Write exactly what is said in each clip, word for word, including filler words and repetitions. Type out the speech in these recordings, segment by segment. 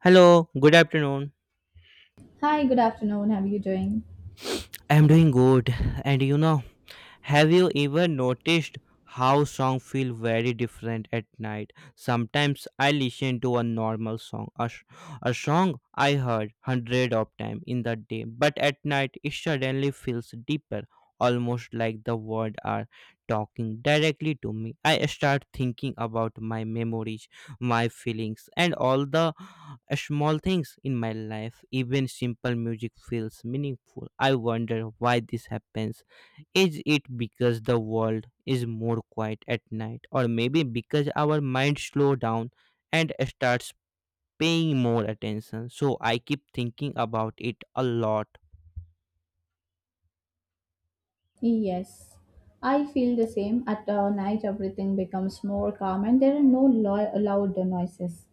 Hello, good afternoon. Hi, good afternoon. How are you doing? I am doing good, and you know, have you ever noticed how songs feel very different at night? Sometimes I listen to a normal song, a, sh- a song I heard hundred of times in the day, but at night it suddenly feels deeper, almost like the words are talking directly to me. I start thinking about my memories, my feelings, and all the small things in my life. Even simple music feels meaningful. I wonder why this happens. Is it because the world is more quiet at night, or maybe because our mind slow down and starts paying more attention? So I keep thinking about it a lot. Yes, I feel the same. At uh, night, everything becomes more calm and there are no lo- loud noises,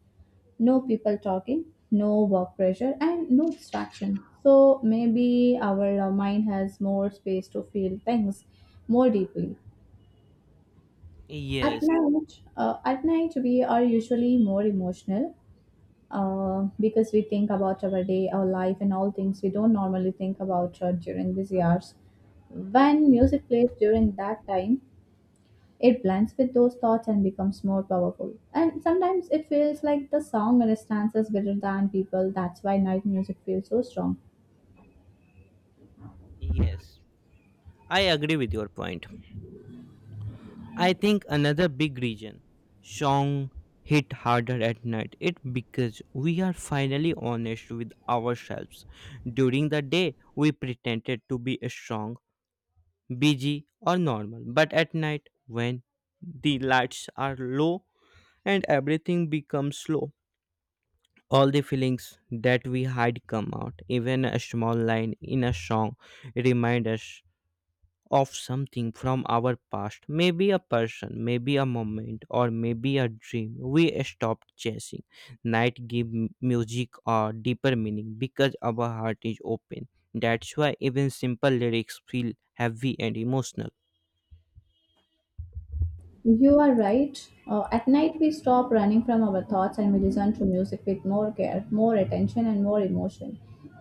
no people talking, no work pressure, and no distraction. So maybe our uh, mind has more space to feel things more deeply. At Yes, night, uh, at night we are usually more emotional, uh, because we think about our day, our life, and all things we don't normally think about uh, during busy hours. When music plays during that time, it blends with those thoughts and becomes more powerful. And sometimes it feels like the song understands us better than people. That's why night music feels so strong. yes, I agree with your point. I think another big reason song hit harder at night it because we are finally honest with ourselves. During the day we pretended to be strong, busy or normal. But at night, when the lights are low and everything becomes slow, all the feelings that we hide come out. Even a small line in a song remind us of something from our past. Maybe a person, maybe a moment, or maybe a dream we stopped chasing. Night give m- music or deeper meaning because our heart is open. That's why even simple lyrics feel heavy and emotional. You are right. Uh, at night, we stop running from our thoughts and we listen to music with more care, more attention, and more emotion.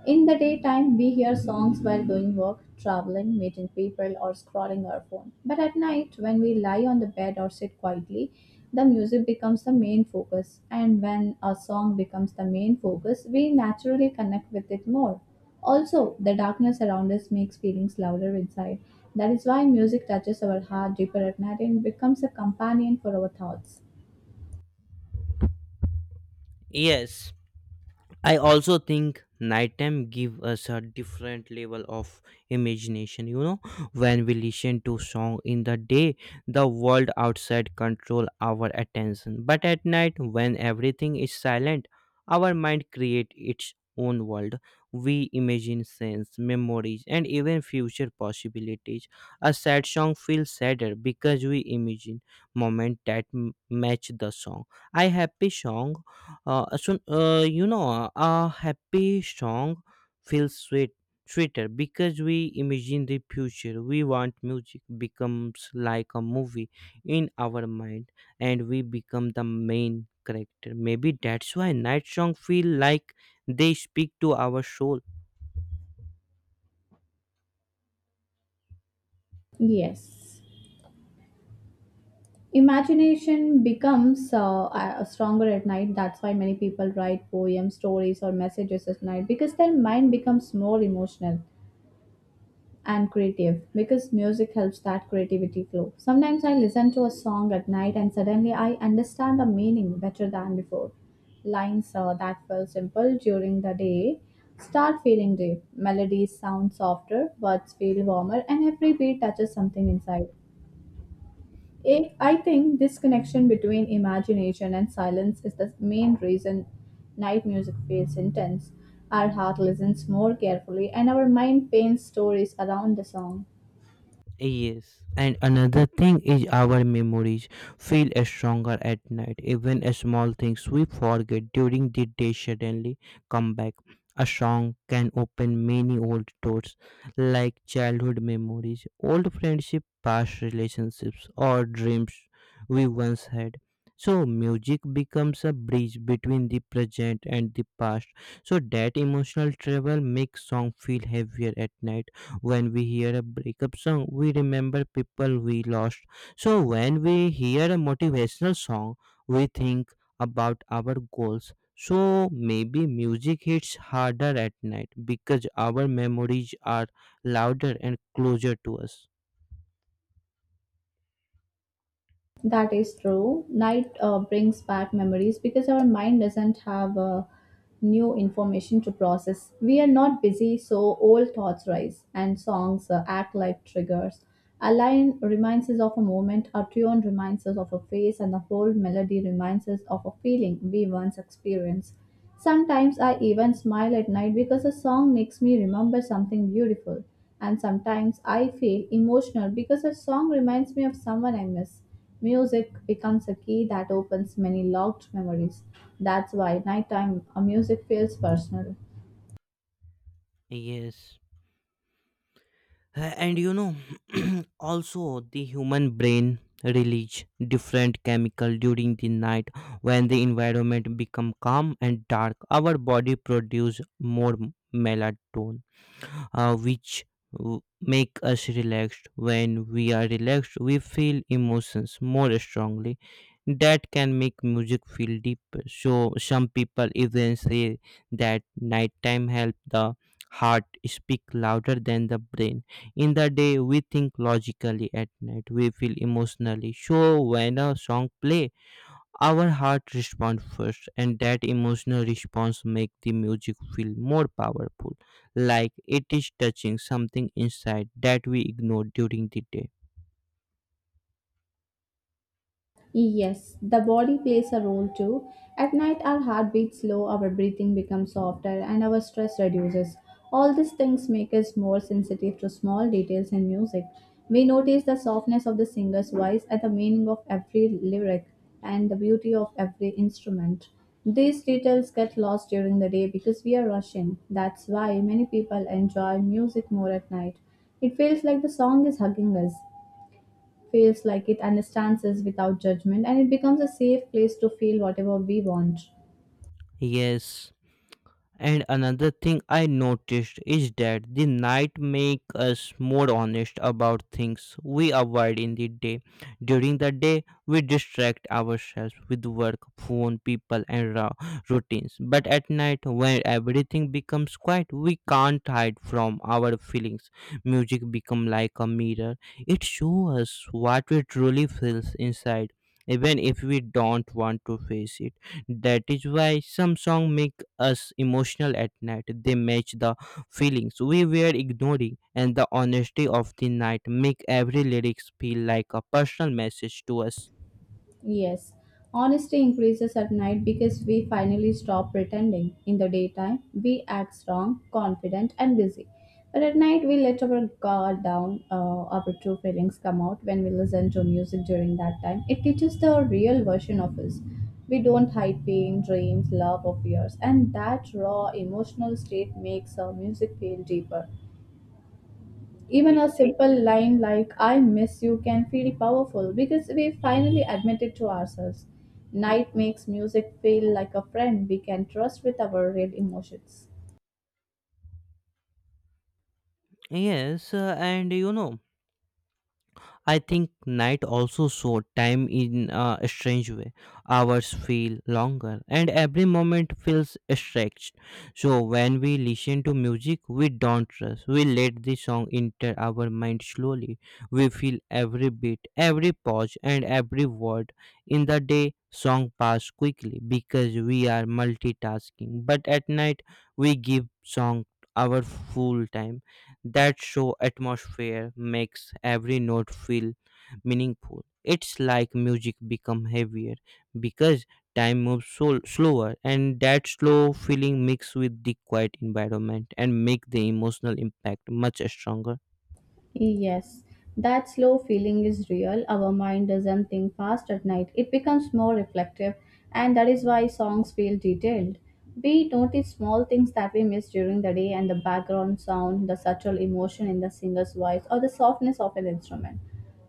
In the daytime, we hear songs while doing work, traveling, meeting people, or scrolling our phone. But at night, when we lie on the bed or sit quietly, the music becomes the main focus. And when a song becomes the main focus, we naturally connect with it more. Also, the darkness around us makes feelings louder inside. That is why music touches our heart deeper at night and becomes a companion for our thoughts. Yes, I also think nighttime give us a different level of imagination. You know, when we listen to song in the day, the world outside control our attention. But at night, when everything is silent, our mind create its own world. We imagine scenes, memories, and even future possibilities. A sad song feels sadder because we imagine moment that m- match the song. A happy song uh, so, uh, you know, a happy song feels sweet, sweeter because we imagine the future. We want music becomes like a movie in our mind, and we become the main character. Maybe that's why night song feel like they speak to our soul. Yes. Imagination becomes uh, uh, stronger at night. That's why many people write poems, stories, or messages at night because their mind becomes more emotional and creative, because music helps that creativity flow. Sometimes I listen to a song at night and suddenly I understand the meaning better than before. Lines uh, that felt simple during the day start feeling deep. Melodies sound softer, words feel warmer, and every beat touches something inside. I I think this connection between imagination and silence is the main reason night music feels intense. Our heart listens more carefully, and our mind paints stories around the song. Yes, and another thing is our memories feel stronger at night. Even small things we forget during the day suddenly come back. A song can open many old doors, like childhood memories, old friendship, past relationships, or dreams we once had. So music becomes a bridge between the present and the past. So that emotional travel makes song feel heavier at night when we hear a breakup song, we remember people we lost. So when we hear a motivational song, we think about our goals. So maybe music hits harder at night because our memories are louder and closer to us. That is true. Night uh, brings back memories because our mind doesn't have uh, new information to process. We are not busy, so old thoughts rise, and songs uh, act like triggers. A line reminds us of a moment, a tune reminds us of a face, and the whole melody reminds us of a feeling we once experienced. Sometimes I even smile at night because a song makes me remember something beautiful, and sometimes I feel emotional because a song reminds me of someone I miss. Music becomes a key that opens many locked memories. That's why nighttime uh, music feels personal. Yes. Uh, And you know, also the human brain release different chemical during the night when the environment become calm and dark. Our body produce more m- melatonin, uh, which w- make us relaxed. When we are relaxed, we feel emotions more strongly that can make music feel deeper. So some people even say that nighttime helps the heart speak louder than the brain. In the day we think logically, at night we feel emotionally. So when a song play our heart responds first, and that emotional response makes the music feel more powerful, like it is touching something inside that we ignore during the day. Yes, the body plays a role too. At night, our heart beats slow, our breathing becomes softer, and our stress reduces. All these things make us more sensitive to small details in music. We notice the softness of the singer's voice and the meaning of every lyric and the beauty of every instrument. These details get lost during the day because we are rushing. That's why many people enjoy music more at night. It feels like the song is hugging us, feels like it understands us without judgment, and it becomes a safe place to feel whatever we want. Yes. And another thing I noticed is that the night make us more honest about things we avoid in the day. During the day, we distract ourselves with work, phone, people, and raw routines. But at night, when everything becomes quiet, we can't hide from our feelings. Music become like a mirror; it shows us what we truly feel inside, even if we don't want to face it. That is why some songs make us emotional at night. They match the feelings we were ignoring, and the honesty of the night make every lyrics feel like a personal message to us. Yes, honesty increases at night because we finally stop pretending. In the daytime, we act strong, confident, and busy. But at night, we let our guard down, uh, our true feelings come out when we listen to music during that time. It teaches the real version of us. We don't hide pain, dreams, love, or fears, and that raw emotional state makes our music feel deeper. Y- Even a simple line like I miss you can feel powerful because we finally admit it to ourselves. Night makes music feel like a friend we can trust with our real emotions. Yes, uh, and you know, I think night also saw time in a strange way. Hours feel longer and every moment feels stretched. So when we listen to music, we don't rush. We let the song enter our mind slowly. We feel every beat, every pause and every word. In the day, song pass quickly because we are multitasking. But at night, we give song our full time that show atmosphere makes every note feel meaningful. It's like music become heavier because time moves so slower and that slow feeling mixed with the quiet environment and make the emotional impact much stronger. Yes, that slow feeling is real. Our mind doesn't think fast at night, it becomes more reflective, and that is why songs feel detailed. We notice small things that we miss during the day and the background sound, the subtle emotion in the singer's voice, or the softness of an instrument.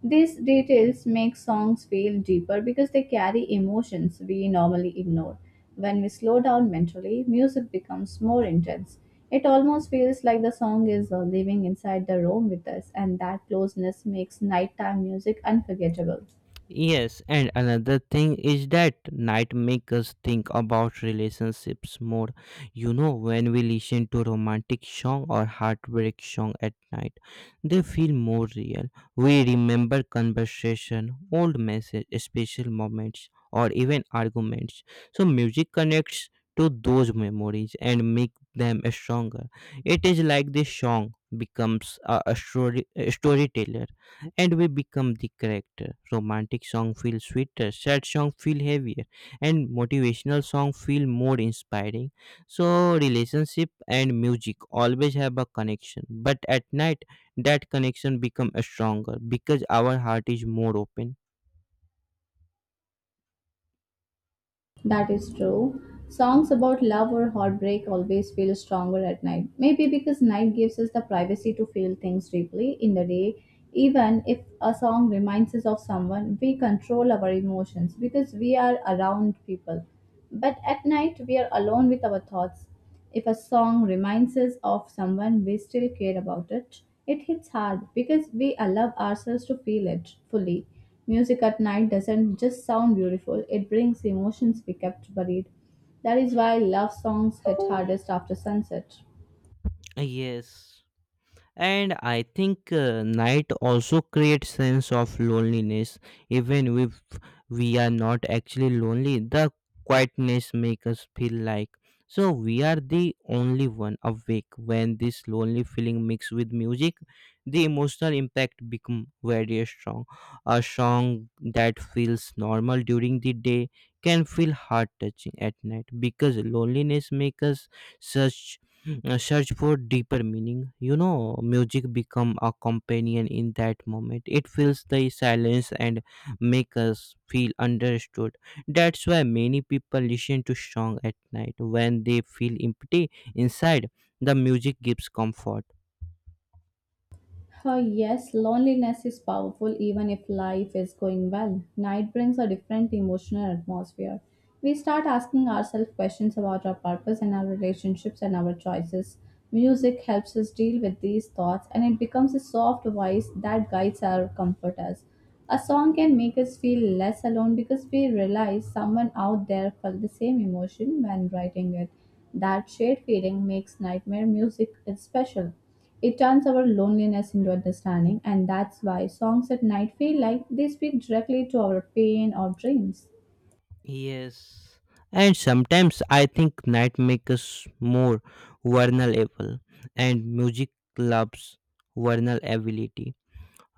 These details make songs feel deeper because they carry emotions we normally ignore. When we slow down mentally, music becomes more intense. It almost feels like the song is uh, living inside the room with us, and that closeness makes nighttime music unforgettable. Yes, and another thing is that night make us think about relationships more. You know, when we listen to romantic song or heartbreak song at night, they feel more real. We remember conversation, old message, special moments, or even arguments. So music connects to those memories and make them stronger. It is like this song becomes a, a story a storyteller, and we become the character. Romantic song feel sweeter, sad song feel heavier, and motivational song feel more inspiring. So relationship and music always have a connection, but at night that connection become stronger because our heart is more open. That is true. Songs about love or heartbreak always feel stronger at night. Maybe because night gives us the privacy to feel things deeply in the day. Even if a song reminds us of someone, we control our emotions because we are around people. But at night, we are alone with our thoughts. If a song reminds us of someone we still care about it, it hits hard because we allow ourselves to feel it fully. Music at night doesn't just sound beautiful, it brings emotions we kept buried. That is why love songs hit hardest after sunset. Yes, and I think uh, night also creates sense of loneliness even if we are not actually lonely. The quietness makes us feel like so we are the only one awake. When this lonely feeling mixed with music, the emotional impact become very strong. A song that feels normal during the day can feel heart touching at night because loneliness makes us such uh, search for deeper meaning. You know, music become a companion in that moment. It fills the silence and make us feel understood. That's why many people listen to song at night when they feel empty inside. The music gives comfort. Uh, yes, loneliness is powerful even if life is going well. Night brings a different emotional atmosphere. We start asking ourselves questions about our purpose and our relationships and our choices. Music helps us deal with these thoughts and it becomes a soft voice that guides our comforters. A song can make us feel less alone because we realize someone out there felt the same emotion when writing it. That shared feeling makes Nightmare music is special. It turns our loneliness into understanding, and that's why songs at night feel like they speak directly to our pain or dreams. Yes, and sometimes I think night makes us more vulnerable, and music loves vulnerability.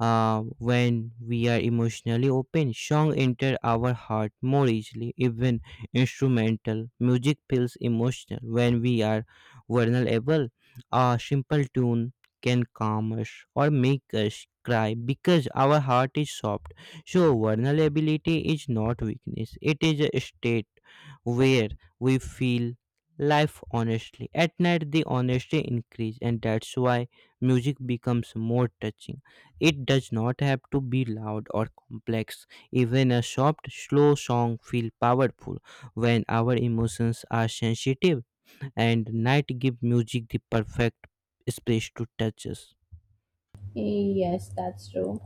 Uh, when we are emotionally open, song enter our heart more easily. Even instrumental music feels emotional. When we are vulnerable, a simple tune can calm us or make us cry because our heart is soft. So vulnerability is not weakness; it is a state where we feel life honestly. At night, the honesty increase, and that's why music becomes more touching. It does not have to be loud or complex. Even a soft, slow song feels powerful when our emotions are sensitive, and night gives music the perfect space to touch us. Yes, that's true.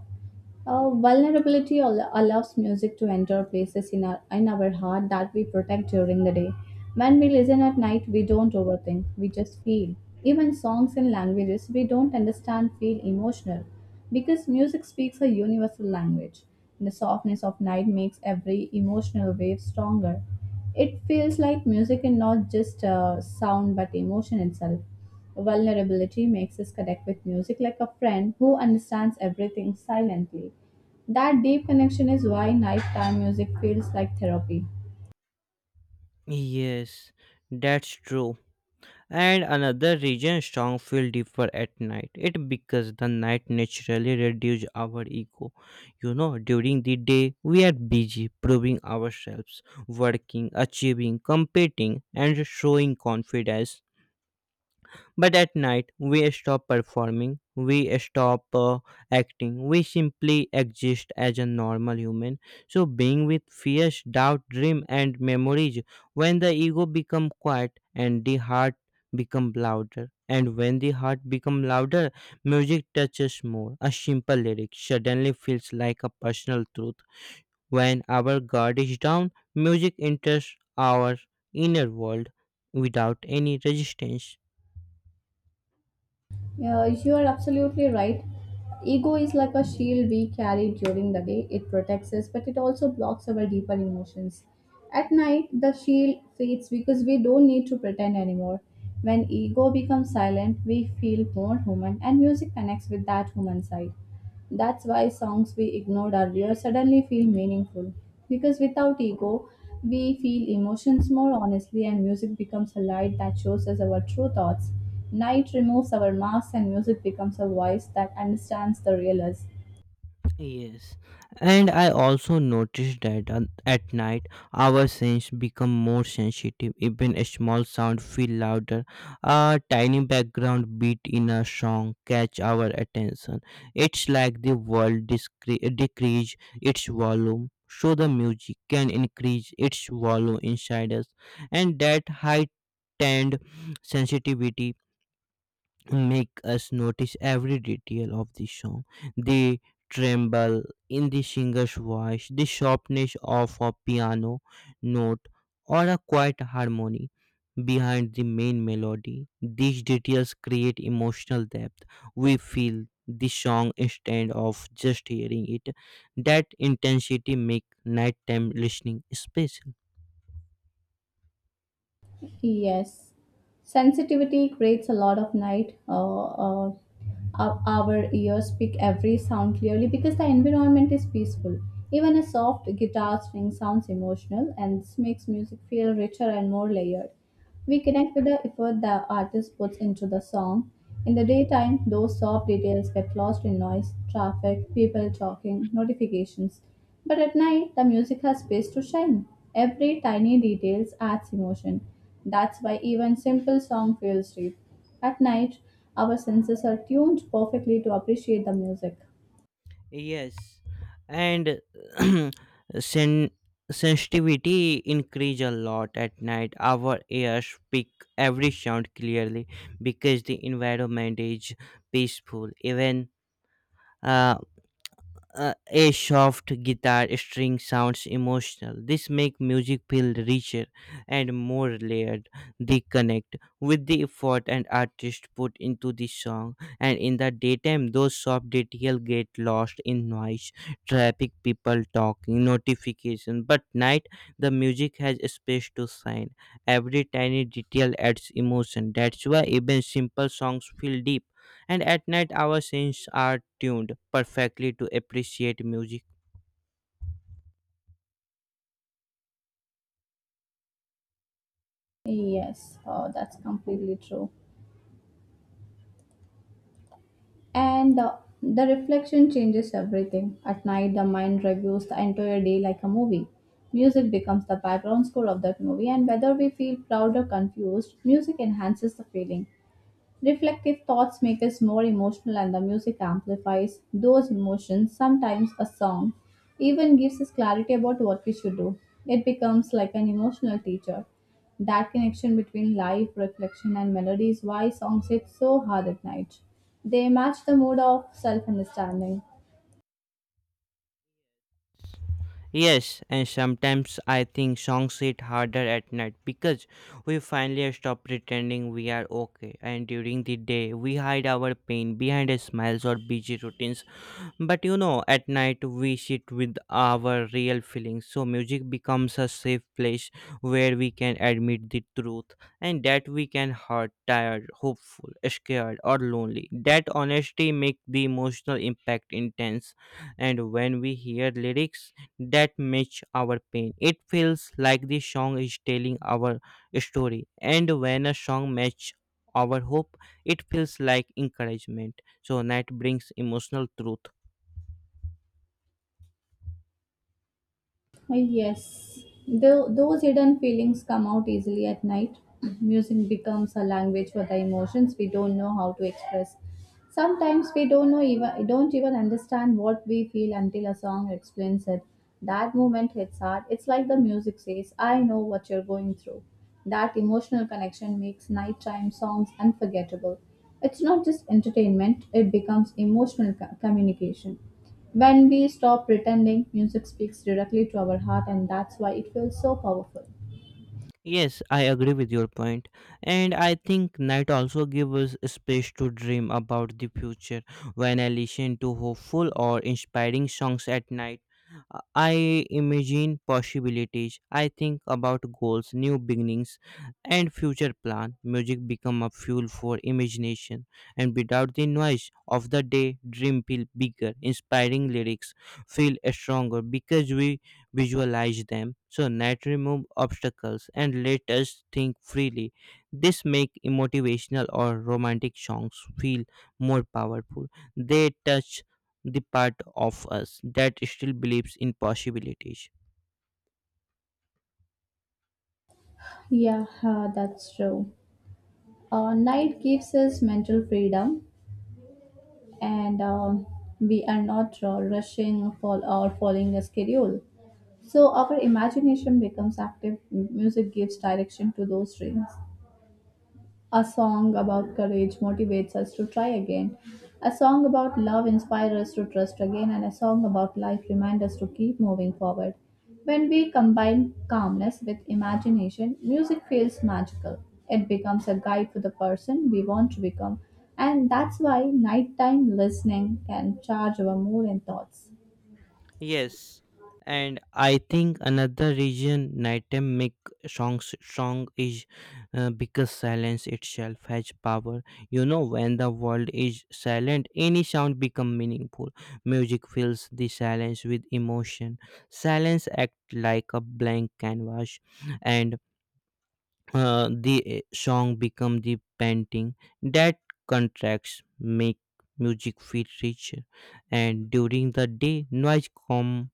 Uh, vulnerability al- allows music to enter places in our, in our heart that we protect during the day. When we listen at night, we don't overthink, we just feel. Even songs and languages we don't understand feel emotional because music speaks a universal language. The softness of night makes every emotional wave stronger. It feels like music is not just uh, sound but emotion itself. Vulnerability makes us connect with music like a friend who understands everything silently. That deep connection is why nighttime music feels like therapy. Yes, that's true. And another region strong feel deeper at night it because the night naturally reduce our ego. You know, during the day we are busy proving ourselves, working, achieving, competing and showing confidence. But at night, we stop performing, we stop uh, acting, we simply exist as a normal human. So, being with fears, doubt, dream, and memories, when the ego become quiet and the heart become louder, and when the heart become louder, music touches more. A simple lyric suddenly feels like a personal truth. When our guard is down, music enters our inner world without any resistance. Yeah, you are absolutely right. Ego is like a shield we carry during the day. It protects us, but it also blocks our deeper emotions. At night, the shield fades because we don't need to pretend anymore. When ego becomes silent, we feel more human, and music connects with that human side. That's why songs we ignored earlier suddenly feel meaningful. Because without ego, we feel emotions more honestly, and music becomes a light that shows us our true thoughts. Night removes our masks, and music becomes a voice that understands the real us. Yes, and I also noticed that on- at night our sense become more sensitive. Even a small sound feel louder. A tiny background beat in a song catch our attention. It's like the world discre- decrease its volume, so the music can increase its volume inside us, and that heightened sensitivity make us notice every detail of the song, the tremble in the singer's voice, the sharpness of a piano note, or a quiet harmony behind the main melody. These details create emotional depth. We feel the song instead of just hearing it. That intensity makes nighttime listening special. Yes, sensitivity creates a lot of night. Uh, uh, our our ears pick every sound clearly because the environment is peaceful. Even a soft guitar string sounds emotional, and this makes music feel richer and more layered. We connect with the effort the artist puts into the song. In the daytime, those soft details get lost in noise, traffic, people talking, notifications. But at night, the music has space to shine. Every tiny detail adds emotion. That's why even simple song feels deep. At night, our senses are tuned perfectly to appreciate the music. Yes, and sen- sensitivity increase a lot at night. Our ears pick every sound clearly because the environment is peaceful. Even uh, uh, a soft guitar string sounds emotional. This make music feel richer and more layered. They connect with the effort and artist put into the song, and in the daytime those soft details get lost in noise, traffic, people talking, notification. But night, the music has space to shine. Every tiny detail adds emotion. That's why even simple songs feel deep, and at night our senses are tuned perfectly to appreciate music. Yes, uh, that's completely true. And uh, the reflection changes everything. At night, the mind reviews the entire day like a movie. Music becomes the background score of that movie, and whether we feel proud or confused, music enhances the feeling. Reflective thoughts make us more emotional, and the music amplifies those emotions. Sometimes a song even gives us clarity about what we should do. It becomes like an emotional teacher. That connection between life, reflection, and melody is why songs hit so hard at night. They match the mood of self understanding. Yes, and sometimes I think songs hit harder at night because we finally stop pretending we are okay, and during the day we hide our pain behind smiles or busy routines. But you know, at night we sit with our real feelings. So music becomes a safe place where we can admit the truth and that we can hurt, tired, hopeful, scared, or lonely. That honesty make the emotional impact intense. And when we hear lyrics that match our pain, it feels like the song is telling our story. And when a song match our hope, it feels like encouragement. So night brings emotional truth. Uh, Yes, Tho- those hidden feelings come out easily at night. Music becomes a language for the emotions we don't know how to express. Sometimes we don't know even don't even understand what we feel until a song explains it. That moment hits hard. It's like the music says, "I know what you're going through." That emotional connection makes nighttime songs unforgettable. It's not just entertainment; it becomes emotional co- communication. When we stop pretending, music speaks directly to our heart, and that's why it feels so powerful. Yes, I agree with your point. And I think night also gives us space to dream about the future. When I listen to hopeful or inspiring songs at night, uh, I imagine possibilities. I think about goals, new beginnings, and future plan. Music become a fuel for imagination, and without the noise of the day, dream feel bigger. Inspiring lyrics feel stronger because we visualize them. So net remove obstacles and let us think freely. This make motivational or romantic songs feel more powerful. They touch the part of us that still believes in possibilities. Yeah, uh, that's true. Uh, night gives us mental freedom, and um we are not uh, rushing for or following a schedule. So our imagination becomes active. M- Music gives direction to those dreams. A song about courage motivates us to try again. A song about love inspires us to trust again, and a song about life reminds us to keep moving forward. When we combine calmness with imagination, music feels magical. It becomes a guide for the person we want to become, and that's why nighttime listening can charge our mood and thoughts. Yes, and I think another reason nighttime make songs strong is uh, because silence itself has power. You know, when the world is silent, any sound become meaningful. Music fills the silence with emotion. Silence act like a blank canvas, and uh, the uh, song become the painting that contracts make music feel richer. And during the day, noise come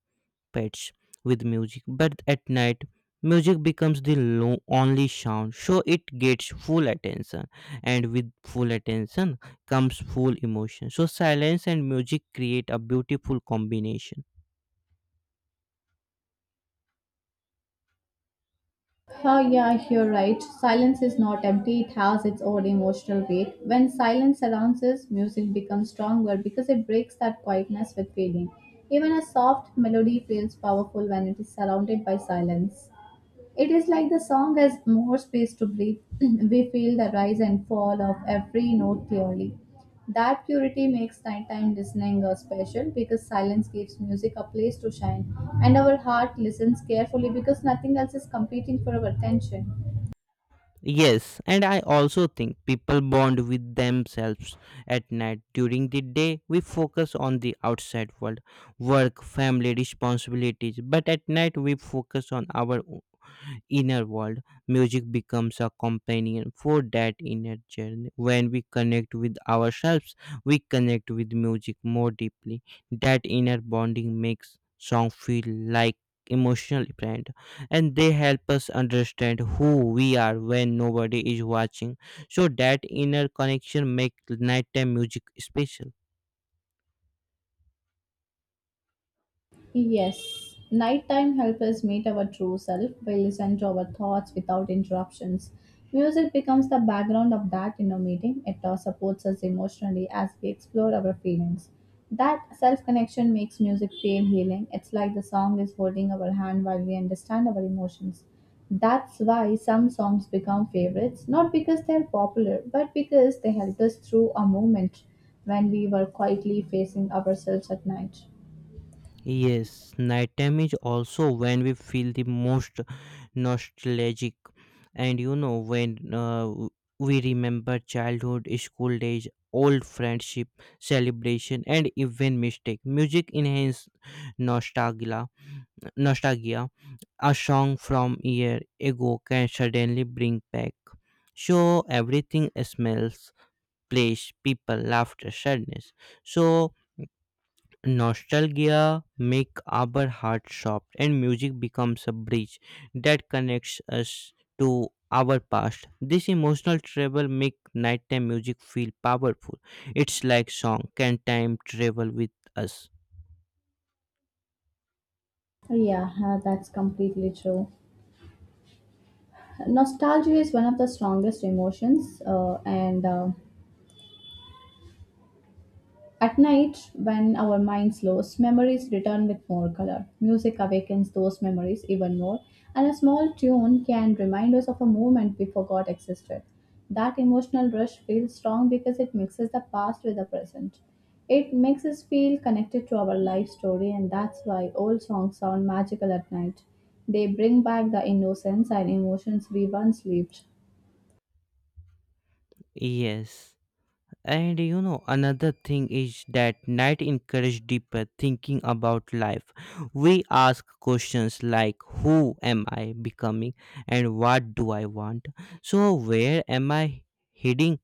pets with music, but at night, music becomes the lo- only sound, so it gets full attention, and with full attention comes full emotion. So, silence and music create a beautiful combination. Oh, yeah, you're right. Silence is not empty, it has its own emotional weight. When silence surrounds us, music becomes stronger because it breaks that quietness with feeling. Even a soft melody feels powerful when it is surrounded by silence. It is like the song has more space to breathe. We feel the rise and fall of every note clearly. That purity makes nighttime listening uh, special because silence gives music a place to shine, and our heart listens carefully because nothing else is competing for our attention. Yes, and I also think people bond with themselves at night. During the day, we focus on the outside world, work, family, responsibilities, but at night, we focus on our inner world. Music becomes a companion for that inner journey. When we connect with ourselves, we connect with music more deeply. That inner bonding makes song feel like emotional friend, and they help us understand who we are when nobody is watching. So that inner connection makes nighttime music special. Yes, nighttime helps us meet our true self by listening to our thoughts without interruptions. Music becomes the background of that inner meeting. It uh, supports us emotionally as we explore our feelings. That self connection makes music feel healing. It's like the song is holding our hand while we understand our emotions. That's why some songs become favorites, not because they're popular, but because they helped us through a moment when we were quietly facing ourselves at night. Yes, nighttime is also when we feel the most nostalgic, and you know, when uh, w- we remember childhood, school days, old friendship, celebration, and even mistake. Music enhance nostalgia, nostalgia. A song from year ago can suddenly bring back. So everything smells, place, people, laughter, sadness. So nostalgia make our heart soft, and music becomes a bridge that connects us to our past. This emotional travel make nighttime music feel powerful. It's like song can time travel with us. Yeah, uh, that's completely true. Nostalgia is one of the strongest emotions, uh, and uh, at night, when our mind slows, memories return with more color. Music awakens those memories even more, and a small tune can remind us of a moment we forgot existed. That emotional rush feels strong because it mixes the past with the present. It makes us feel connected to our life story, and that's why old songs sound magical at night. They bring back the innocence and emotions we once lived. Yes. And you know another thing is that night encourage deeper thinking about life. We ask questions like who am I becoming and what do I want? So where am I heading?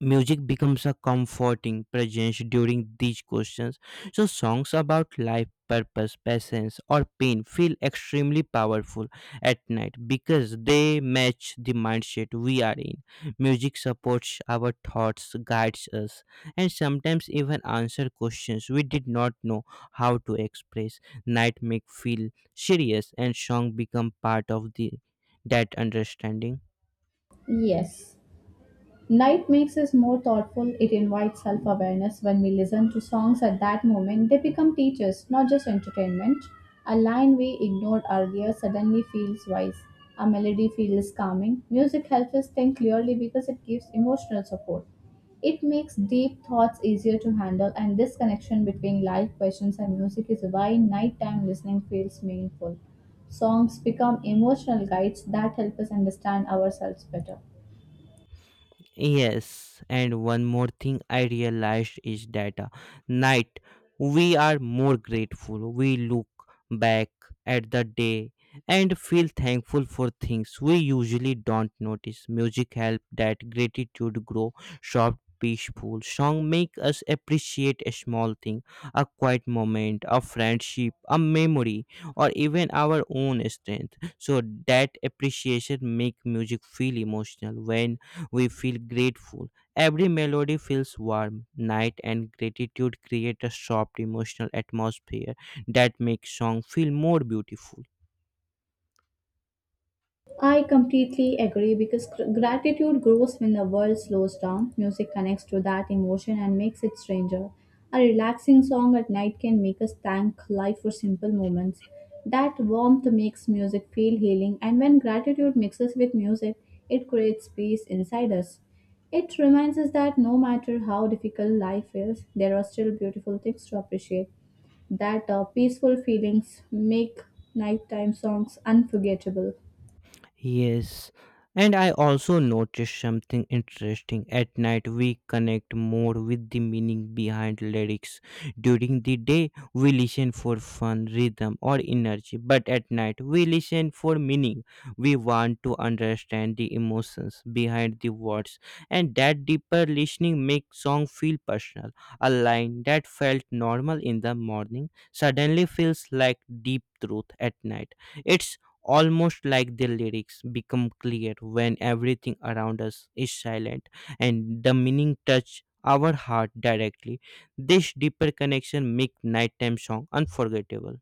Music becomes a comforting presence during these questions. So, songs about life, purpose, patience, or pain feel extremely powerful at night because they match the mindset we are in. Music supports our thoughts, guides us, and sometimes even answer questions we did not know how to express. Night make feel serious, and song become part of the that understanding. Yes. Night makes us more thoughtful, it invites self awareness. When we listen to songs at that moment, they become teachers, not just entertainment. A line we ignored earlier suddenly feels wise. A melody feels calming. Music helps us think clearly because it gives emotional support. It makes deep thoughts easier to handle, and this connection between life questions and music is why nighttime listening feels meaningful. Songs become emotional guides that help us understand ourselves better. Yes, and one more thing I realized is that uh, night we are more grateful. We look back at the day and feel thankful for things we usually don't notice. Music helps that gratitude grow soft, peaceful. Song make us appreciate a small thing, a quiet moment, a friendship, a memory, or even our own strength. So that appreciation make music feel emotional when we feel grateful. Every melody feels warm. Night and gratitude create a soft emotional atmosphere that makes song feel more beautiful. I completely agree because gr- gratitude grows when the world slows down. Music connects to that emotion and makes it stranger. A relaxing song at night can make us thank life for simple moments. That warmth makes music feel healing, and when gratitude mixes with music, it creates peace inside us. It reminds us that no matter how difficult life is, there are still beautiful things to appreciate. That uh, peaceful feelings make nighttime songs unforgettable. Yes, and I also noticed something interesting. At night, we connect more with the meaning behind lyrics. During the day, we listen for fun, rhythm, or energy, but at night, we listen for meaning. We want to understand the emotions behind the words, and that deeper listening makes song feel personal. A line that felt normal in the morning suddenly feels like deep truth at night. It's almost like the lyrics become clear when everything around us is silent and the meaning touch our heart directly. This deeper connection make nighttime song unforgettable.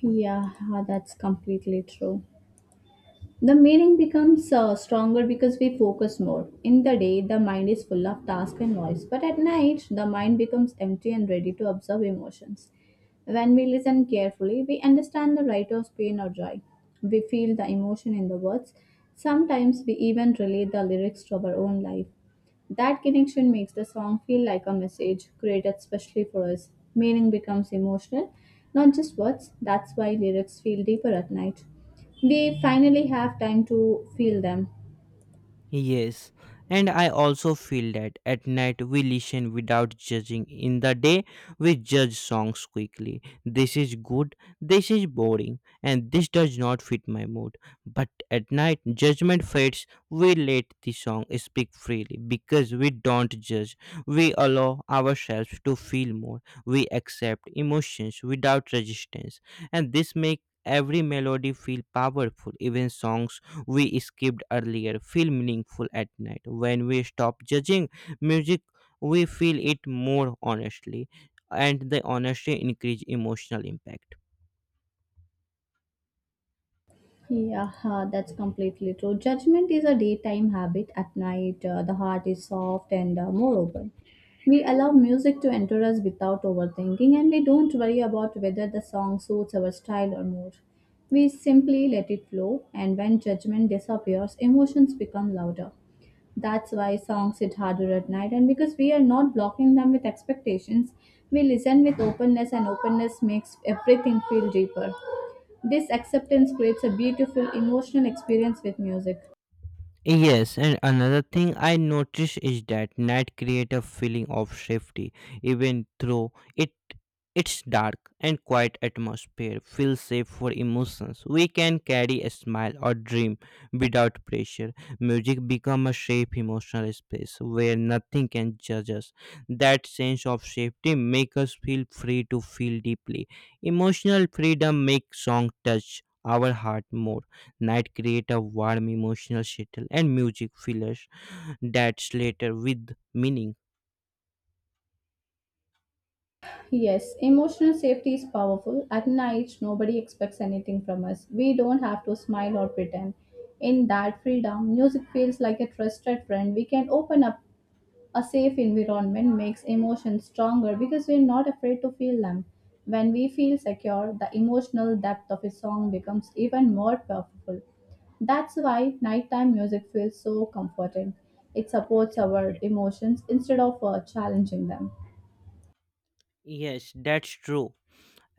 Yeah, uh, that's completely true. The meaning becomes uh, stronger because we focus more. In the day, the mind is full of task and noise, but at night, the mind becomes empty and ready to observe emotions. When we listen carefully, we understand the writer's pain or joy. We feel the emotion in the words. Sometimes we even relate the lyrics to our own life. That connection makes the song feel like a message created specially for us. Meaning becomes emotional, not just words. That's why lyrics feel deeper at night. We finally have time to feel them. Yes, and I also feel that at night we listen without judging. In the day, we judge songs quickly. This is good, this is boring, and this does not fit my mood. But at night, judgment fades. We let the song speak freely because we don't judge. We allow ourselves to feel more. We accept emotions without resistance, and this makes every melody feel powerful. Even songs we skipped earlier feel meaningful at night. When we stop judging music, we feel it more honestly, and the honesty increase emotional impact. Yeah, uh, that's completely true. Judgment is a daytime habit. At night, uh, the heart is soft and uh, more open. We allow music to enter us without overthinking, and we don't worry about whether the song suits our style or mood. We simply let it flow, and when judgment disappears, emotions become louder. That's why songs hit harder at night, and because we are not blocking them with expectations, we listen with openness, and openness makes everything feel deeper. This acceptance creates a beautiful emotional experience with music. Yes, and another thing I notice is that night create a feeling of safety, even though it its dark and quiet atmosphere feels safe for emotions. We can carry a smile or dream without pressure. Music become a safe emotional space where nothing can judge us. That sense of safety make us feel free to feel deeply. Emotional freedom makes song touch our heart more. Night create a warm emotional settle, and music fillers that's later with meaning. Yes, emotional safety is powerful. At an age, nobody expects anything from us. We don't have to smile or pretend. In that freedom, music feels like a trusted friend we can open up. A safe environment makes emotions stronger because we're not afraid to feel them. When we feel secure, the emotional depth of a song becomes even more powerful. That's why nighttime music feels so comforting. It supports our emotions instead of uh, challenging them. Yes, that's true.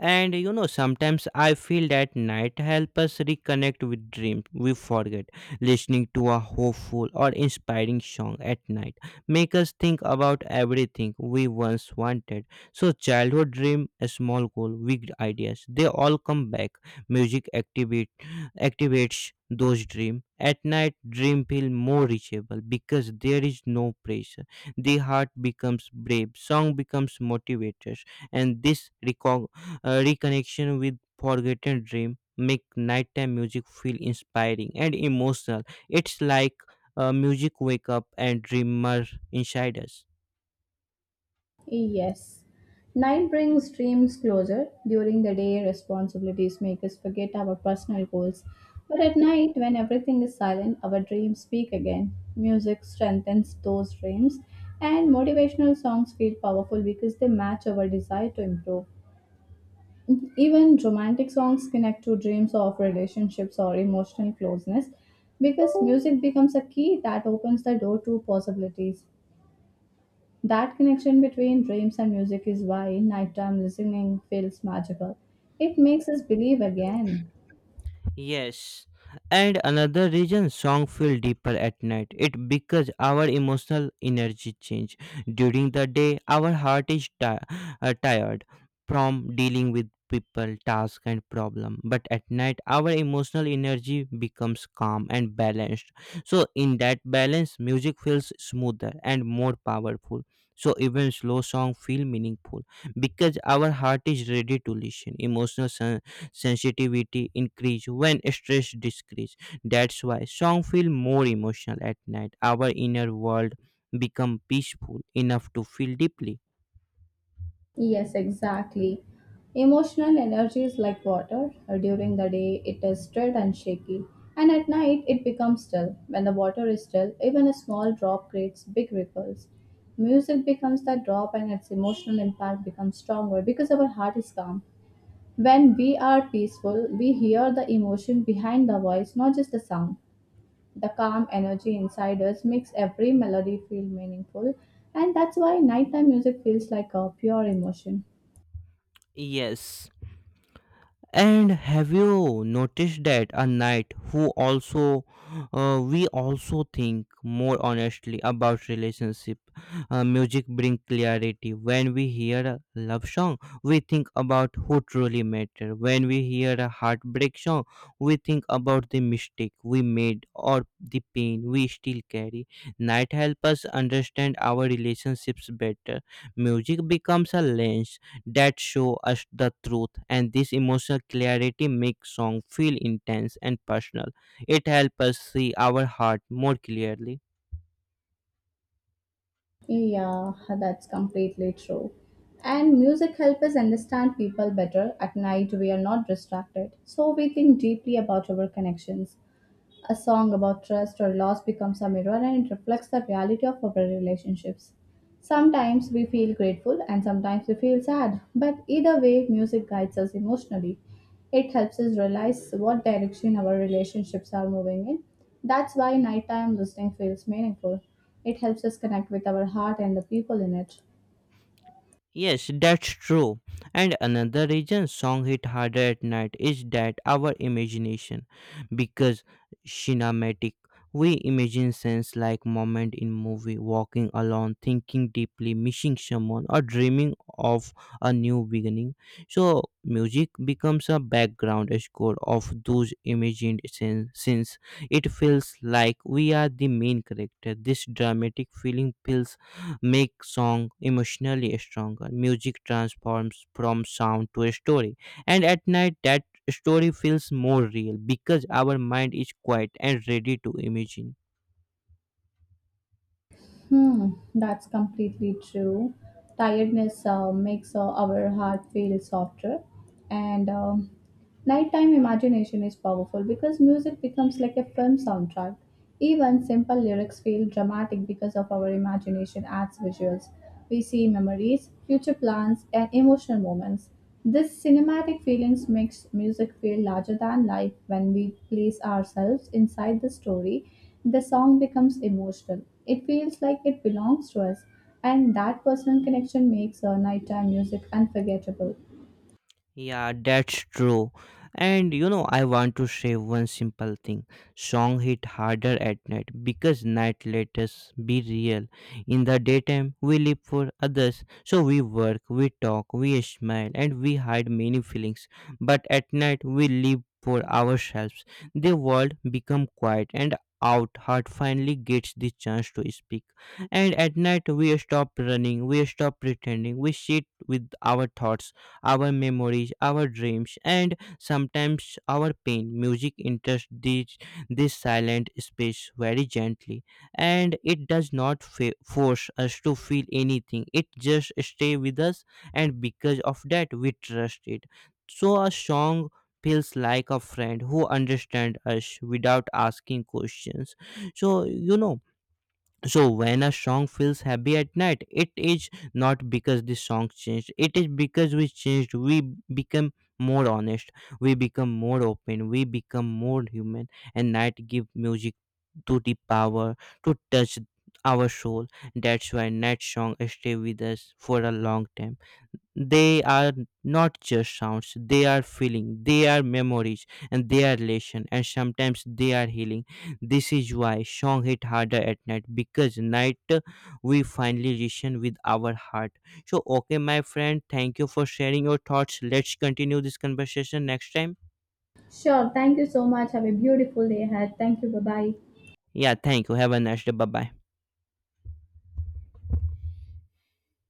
And you know, sometimes I feel that night help us reconnect with dreams we forget. Listening to a hopeful or inspiring song at night make us think about everything we once wanted. So childhood dream, a small goal, big ideas, they all come back. Music activate activates those dreams. At night dream feel more reachable because there is no pressure. The heart becomes brave, song becomes motivated, and this recon- uh, reconnection with forgotten dream make nighttime music feel inspiring and emotional. It's like uh, music wake up and dreamer inside us. Yes. Night brings dreams closer. During the day, responsibilities make us forget our personal goals. But at night, when everything is silent, our dreams speak again. Music strengthens those dreams, and motivational songs feel powerful because they match our desire to improve. Even romantic songs connect to dreams of relationships or emotional closeness because music becomes a key that opens the door to possibilities. That connection between dreams and music is why nighttime listening feels magical. It makes us believe again. Yes, and another reason song feel deeper at night. It because our emotional energy change during the day. Our heart is ti- uh, tired from dealing with people, task, and problem. But at night, our emotional energy becomes calm and balanced. So in that balance, music feels smoother and more powerful. So even slow song feel meaningful because our heart is ready to listen. Emotional sensitivity increase when stress decrease. That's why song feel more emotional at night. Our inner world become peaceful enough to feel deeply. Yes, exactly. Emotional energy is like water. During the day, it is stirred and shaky, and at night, it becomes still. When the water is still, even a small drop creates big ripples. Music becomes that drop, and its emotional impact becomes stronger because our heart is calm. When we are peaceful, we hear the emotion behind the voice, not just the sound. The calm energy inside us makes every melody feel meaningful, and that's why nighttime music feels like a pure emotion. Yes. And have you noticed that a night who also, uh, we also think more honestly about relationship? Uh, music bring clarity. When we hear a love song, we think about who truly matter. When we hear a heartbreak song, we think about the mistake we made or the pain we still carry. Night help us understand our relationships better. Music becomes a lens that show us the truth, and this emotional clarity makes song feel intense and personal. It helps us see our heart more clearly. Yeah, that's completely true. And music helps us understand people better. At night, we are not distracted, so we think deeply about our connections. A song about trust or loss becomes a mirror and it reflects the reality of our relationships. Sometimes we feel grateful and sometimes we feel sad, but either way, music guides us emotionally. It helps us realize what direction our relationships are moving in. That's why nighttime listening feels meaningful. It helps us connect with our heart and the people in it. Yes, that's true. And another reason song hit harder at night is that our imagination because cinematic, we imagine scenes like moment in movie, walking alone, thinking deeply, missing someone, or dreaming of a new beginning. So music becomes a background score of those imagined scenes. Since it feels like we are the main character, this dramatic feeling feels make song emotionally stronger. Music transforms from sound to a story, and at night that story feels more real because our mind is quiet and ready to imagine. Hmm, that's completely true. Tiredness uh, makes uh, our heart feel softer, and um, nighttime imagination is powerful because music becomes like a film soundtrack. Even simple lyrics feel dramatic because of our imagination adds visuals. We see memories, future plans, and emotional moments. This cinematic feelings makes music feel larger than life. When we place ourselves inside the story, the song becomes emotional. It feels like it belongs to us, and that personal connection makes our nighttime music unforgettable. Yeah, that's true. And you know, I want to say one simple thing. Song hit harder at night because night let us be real. In the daytime, we live for others. So we work, we talk, we smile, and we hide many feelings. But at night, we live for ourselves. The world become quiet, and out heart finally gets the chance to speak. And at night we stop running, we stop pretending, we sit with our thoughts, our memories, our dreams, and sometimes our pain. Music enters this, this silent space very gently, and it does not fa- force us to feel anything. It just stays with us, and because of that, we trust it. So a song feels like a friend who understands us without asking questions. So you know, so when a song feels happy at night, it is not because the song changed, it is because we changed. We become more honest, we become more open, we become more human, and night give music to the power to touch our soul. That's why night song stay with us for a long time. They are not just sounds, they are feeling, they are memories, and they are lesson, and sometimes they are healing. This is why song hit harder at night because night, uh, we finally listen with our heart. So okay my friend, thank you for sharing your thoughts. Let's continue this conversation next time. Sure, thank you so much. Have a beautiful day ahead. Thank you. Bye bye. Yeah, thank you. Have a nice day. Bye bye.